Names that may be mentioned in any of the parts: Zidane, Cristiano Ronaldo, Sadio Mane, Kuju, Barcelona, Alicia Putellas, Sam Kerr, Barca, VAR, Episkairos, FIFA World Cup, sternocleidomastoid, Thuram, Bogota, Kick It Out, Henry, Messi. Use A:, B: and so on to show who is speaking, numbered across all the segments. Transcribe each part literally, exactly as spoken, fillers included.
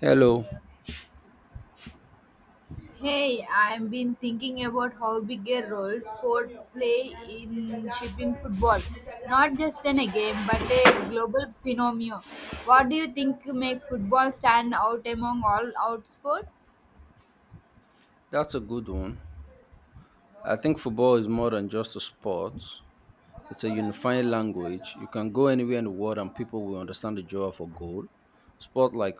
A: Hello,
B: Hey, I've been thinking about how big a role sport play in shaping football. Not just in a game, but a global phenomenon. What do you think make football stand out among all out sport?
A: that's a good one. I think football is more than just a sport, it's a unifying language. You can go anywhere in the world and people will understand the joy of a goal. Sport like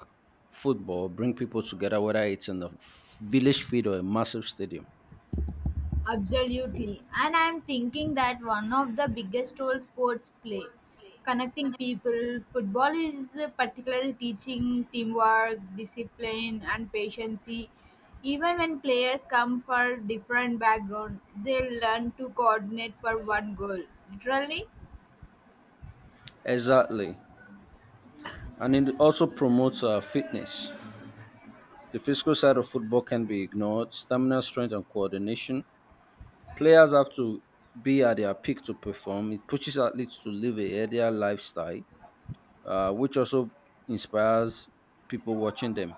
A: football bring people together, whether it's in a village field or a massive stadium.
B: Absolutely. And I'm thinking that one of the biggest roles sports play, connecting people, football is particularly teaching teamwork, discipline, and patience. Even when players come from different background, they learn to coordinate for one goal. Literally,
A: Exactly. And it also promotes uh, fitness. The physical side of football can be ignored stamina, strength, and coordination. Players have to be at their peak to perform. It pushes athletes to live a healthier lifestyle uh, which also inspires people watching them.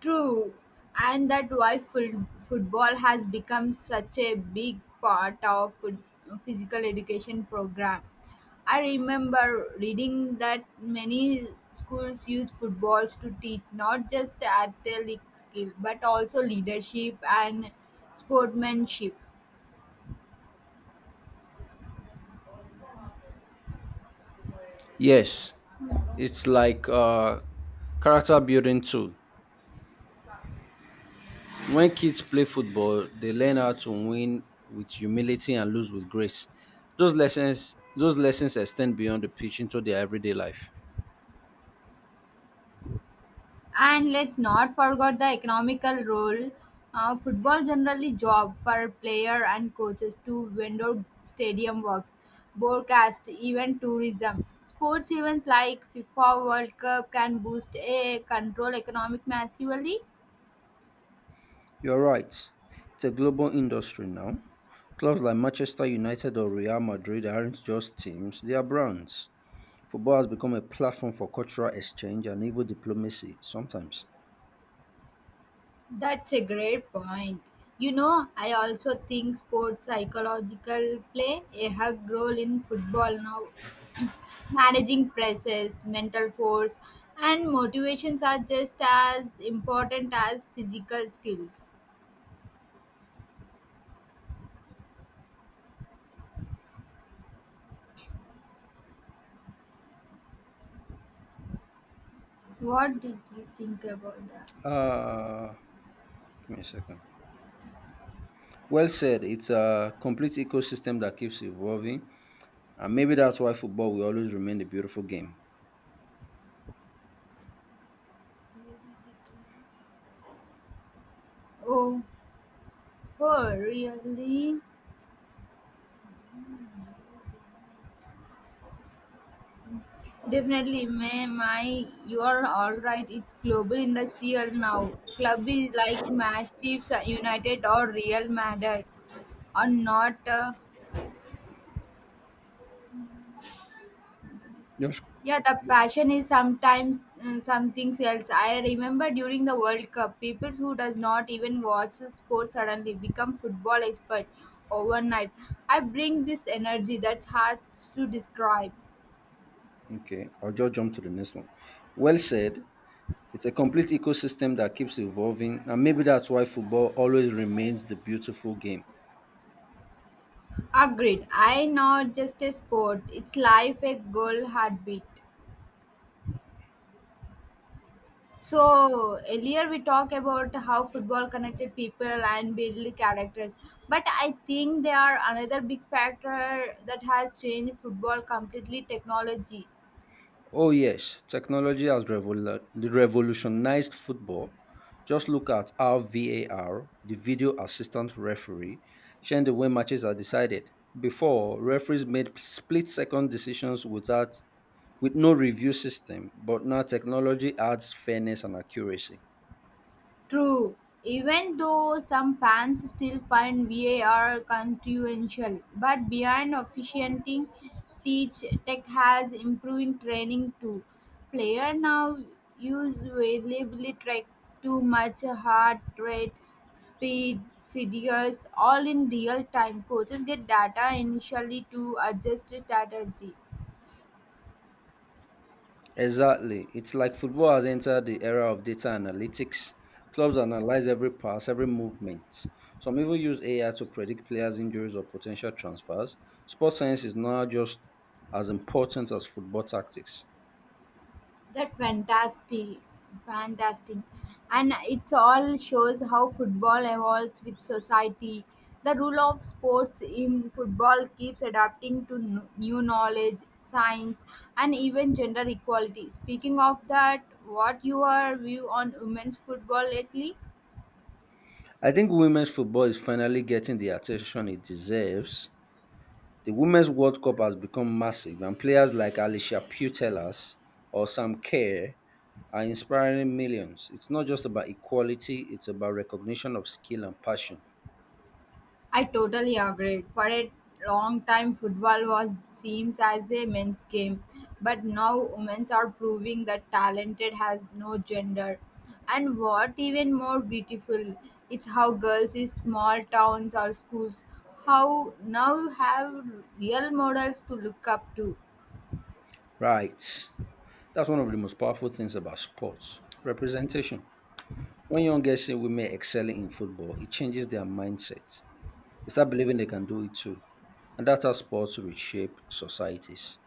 B: true, and that why ful- football has become such a big part of foot- physical education program. I remember reading that many schools use footballs to teach not just athletic skill but also leadership and sportsmanship.
A: Yes, it's like a character building tool. When kids play football, they learn how to win with humility and lose with grace. Those lessons, those lessons extend beyond the pitch into their everyday life.
B: And let's not forget the economical role. Uh, football generally job for player and coaches to window stadium works, broadcast, even tourism. Sports events like FIFA World Cup can boost a control economic massively.
A: You're right. It's a global industry now. Clubs like Manchester United or Real Madrid aren't just teams, they are brands. Football has become a platform for cultural exchange and even diplomacy sometimes.
B: That's a great point. You know, I also think sports psychological play a hug role in football now. Managing presses, mental force, and motivations are just as important as physical skills. What did you think about that?
A: Uh, Give me a second. Well said. It's a complete ecosystem that keeps evolving, and maybe that's why football will always remain a beautiful game.
B: Oh, oh, really? Definitely, may my you are all right. It's global industrial now. Club is like massive United or Real Madrid, are not. Uh,
A: Just
B: Yeah, the passion is sometimes uh, something else. I remember during the World Cup, people who does not even watch sports suddenly become football experts overnight. I bring this energy that's hard to describe.
A: okay. I'll just jump to the next one. Well said. It's a complete ecosystem that keeps evolving, and maybe that's why football always remains the beautiful game.
B: Agreed. I know just a sport. It's life, a goal, heartbeat. So earlier we talked about how football connected people and build characters, but I think they are another big factor that has changed football completely. Technology.
A: Oh, yes, technology has revol- revolutionized football. Just look at how V A R, the video assistant referee, changed the way matches are decided. Before, referees made split second decisions without, with no review system, but now technology adds fairness and accuracy.
B: True, even though some fans still find V A R controversial, but behind officiating, teach tech has improving training too. Player now use variably track too much heart rate, speed, figures, all in real time. Coaches get data initially to adjust strategy.
A: Exactly. It's like football has entered the era of data analytics. Clubs analyze every pass, every movement. Some even use A I to predict players' injuries or potential transfers. Sports science is now just as important as football tactics.
B: That fantastic fantastic and it's all shows how football evolves with society, the rule of sports in football keeps adapting to n- new knowledge science and even gender equality. Speaking of that, what your view on women's football lately?
A: I think women's football is finally getting the attention it deserves. The Women's World Cup has become massive, and players like Alicia Putellas or Sam Kerr are inspiring millions. It's not just about equality, it's about recognition of skill and passion.
B: I totally agree. For a long time, football was seems as a men's game, but now women are proving that talented has no gender. And what even more beautiful, it's how girls in small towns or schools how now have real models to look up to.
A: Right. That's one of the most powerful things about sports representation. When young girls see women excelling in football, it changes their mindset. They start believing they can do it too. And that's how sports reshape societies.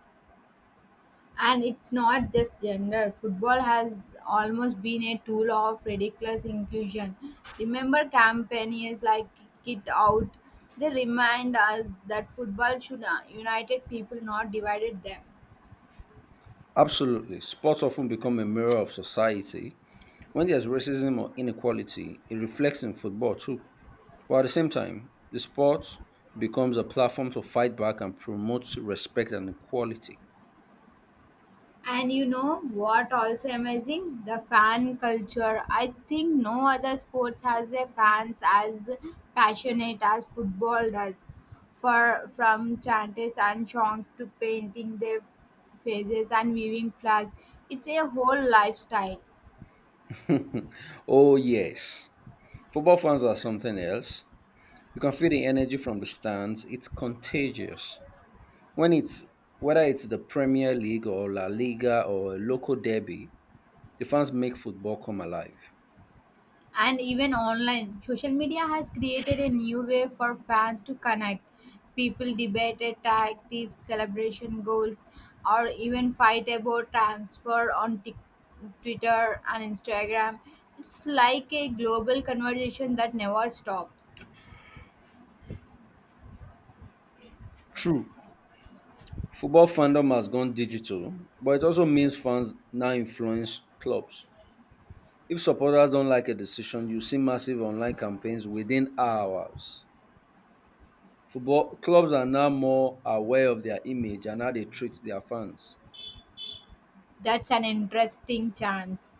B: And it's not just gender. Football has almost been a tool of ridiculous inclusion. Remember campaigns like Kick It Out? They remind us that football should uh, united people, not divided them.
A: Absolutely. Sports often become a mirror of society. When there's racism or inequality, it reflects in football too. But at the same time, the sport becomes a platform to fight back and promote respect and equality.
B: And you know what also amazing? The fan culture. I think no other sports has a fans as passionate as football does. For from chants and songs to painting their faces and waving flags. It's a whole lifestyle.
A: Oh, yes. Football fans are something else. You can feel the energy from the stands. It's contagious. When it's whether it's the Premier League or La Liga or a local derby, the fans make football come alive.
B: And even online. Social media has created a new way for fans to connect. People debate a tactics, celebration goals, or even fight about transfer on Tik Twitter and Instagram. It's like a global conversation that never stops.
A: True, football fandom has gone digital, but it also means fans now influence clubs. If supporters don't like a decision, you see massive online campaigns within hours. Football clubs are now more aware of their image and how they treat their fans.
B: That's an interesting chance.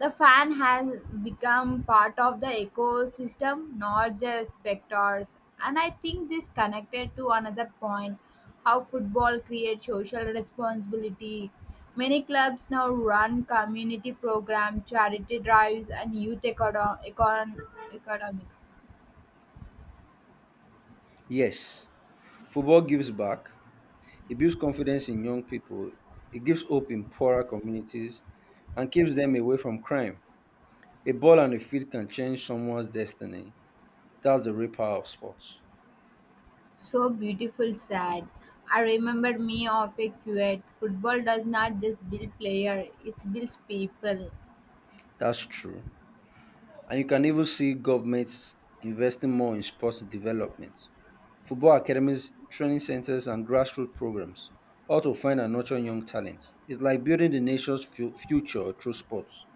B: The fan has become part of the ecosystem, not just spectators. And I think this connected to another point, how football creates social responsibility. Many clubs now run community programs, charity drives, and youth econo- econ- economics.
A: Yes, football gives back, it builds confidence in young people, it gives hope in poorer communities, and keeps them away from crime. A ball on the field can change someone's destiny. That's the real power of sports.
B: So beautiful, sad. I remembered me of a quote. Football does not just build player; it builds people.
A: That's true. And you can even see governments investing more in sports development. Football academies, training centers, and grassroots programs, all to find and nurture young talent. It's like building the nation's fu- future through sports.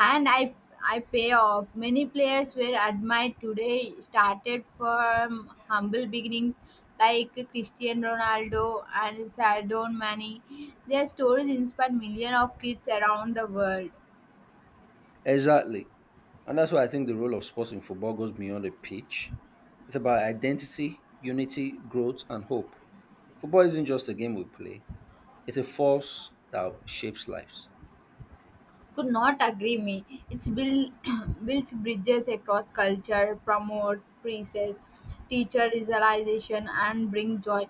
B: And I I pay off. Many players were admired today started from humble beginnings like Cristiano Ronaldo and Sadio Mane. Their stories inspired millions of kids around the world.
A: Exactly. And that's why I think the role of sports in football goes beyond the pitch. It's about identity, unity, growth, and hope. Football isn't just a game we play, it's a force that shapes lives.
B: Could not agree me. It's build builds bridges across culture, promote preces, teacher realization and bring joy.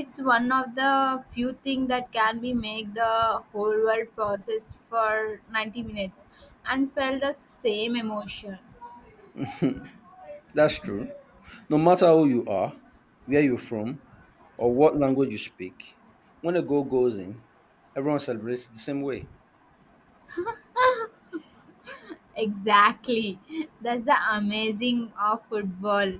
B: It's one of the few things that can be make the whole world process for ninety minutes and felt the same emotion.
A: That's true. No matter who you are, where you're from, or what language you speak, when a goal goes in, everyone celebrates the same way.
B: Exactly. That's the amazing of football.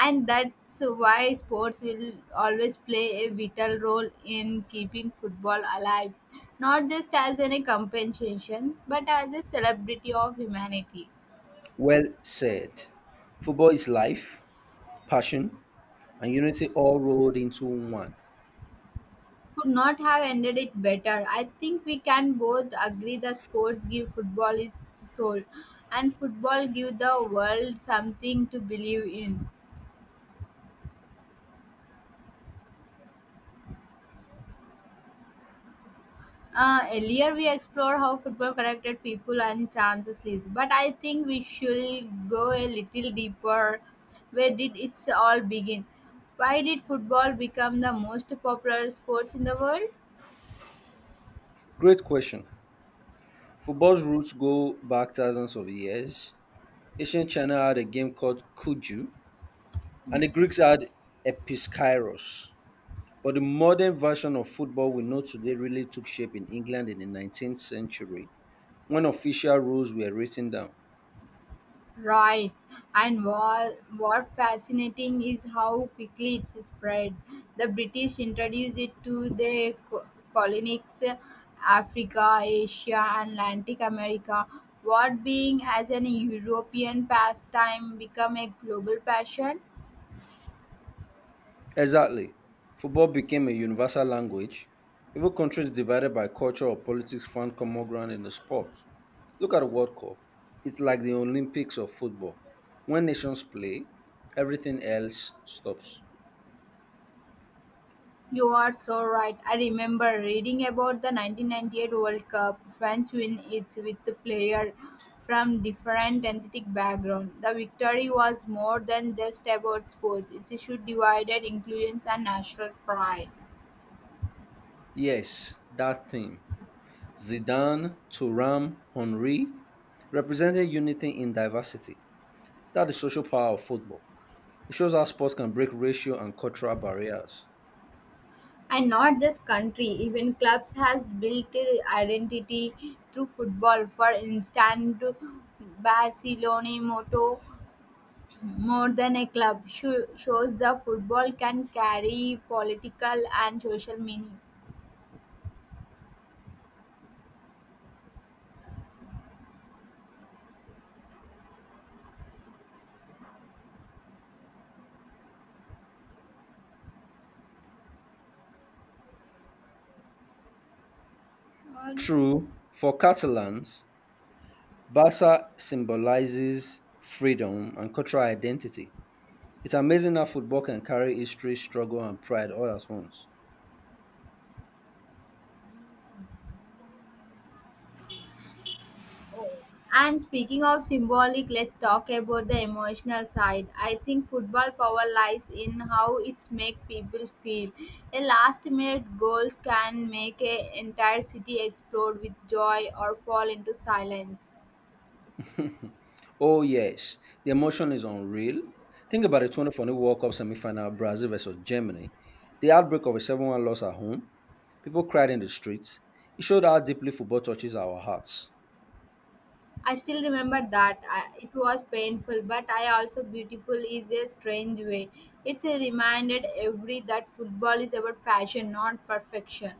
B: And that's why sports will always play a vital role in keeping football alive, not just as any compensation, but as a celebrity of humanity.
A: Well said. Football is life, passion, and unity all rolled into one.
B: Could not have ended it better. I think we can both agree that sports give football its soul, and football give the world something to believe in. Uh, earlier we explored how football connected people and chances lives, but I think we should go a little deeper. Where did it all begin? Why did football become the most popular sports in the world?
A: Great question. Football's roots go back thousands of years. Ancient China had a game called Kuju, and the Greeks had Episkairos. But the modern version of football we know today really took shape in England in the nineteenth century when official rules were written down.
B: Right. And what, what fascinating is how quickly it's spread. The British introduced it to their co- colonies, Africa, Asia, and Atlantic America. What being as an European pastime become a global passion?
A: Exactly. Football became a universal language. Even countries divided by culture or politics found common ground in the sport. Look at the World Cup. It's like the Olympics of football. When nations play, everything else stops.
B: You are so right. I remember reading about the nineteen ninety-eight World Cup. France win it with the player from different ethnic background. The victory was more than just about sports. It should divided inclusions and national pride.
A: Yes, that theme. Zidane, Thuram, Henry, representing unity in diversity. That's the social power of football. It shows how sports can break racial and cultural barriers.
B: And not just country, even clubs has built a identity through football. For instance, Barcelona motto, more than a club, sho- shows the football can carry political and social meaning. Oh.
A: True, for Catalans, Barca symbolizes freedom and cultural identity. It's amazing how football can carry history, struggle, and pride all at once.
B: And speaking of symbolic, let's talk about the emotional side. I think football power lies in how it's make people feel. A last minute goals can make an entire city explode with joy or fall into silence.
A: Oh, yes, the emotion is unreal. Think about the twenty fourteen World Cup semi final Brazil versus Germany. The outbreak of a seven one loss at home, people cried in the streets. It showed how deeply football touches our hearts.
B: I still remember that. I, it was painful, but I also beautiful is a strange way. It's a reminder every that football is about passion, not perfection.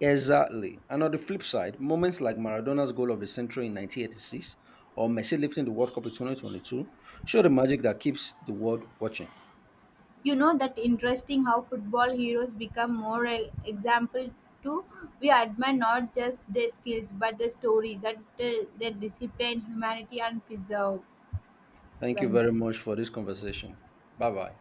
A: Exactly. And on the flip side, moments like Maradona's goal of the century in nineteen eighty-six or Messi lifting the World Cup in twenty twenty-two show the magic that keeps the world watching.
B: You know that interesting how football heroes become more e- example to we admire not just their skills but the story that uh, their discipline, humanity, and perseverance.
A: Thank you very much for this conversation. Bye bye.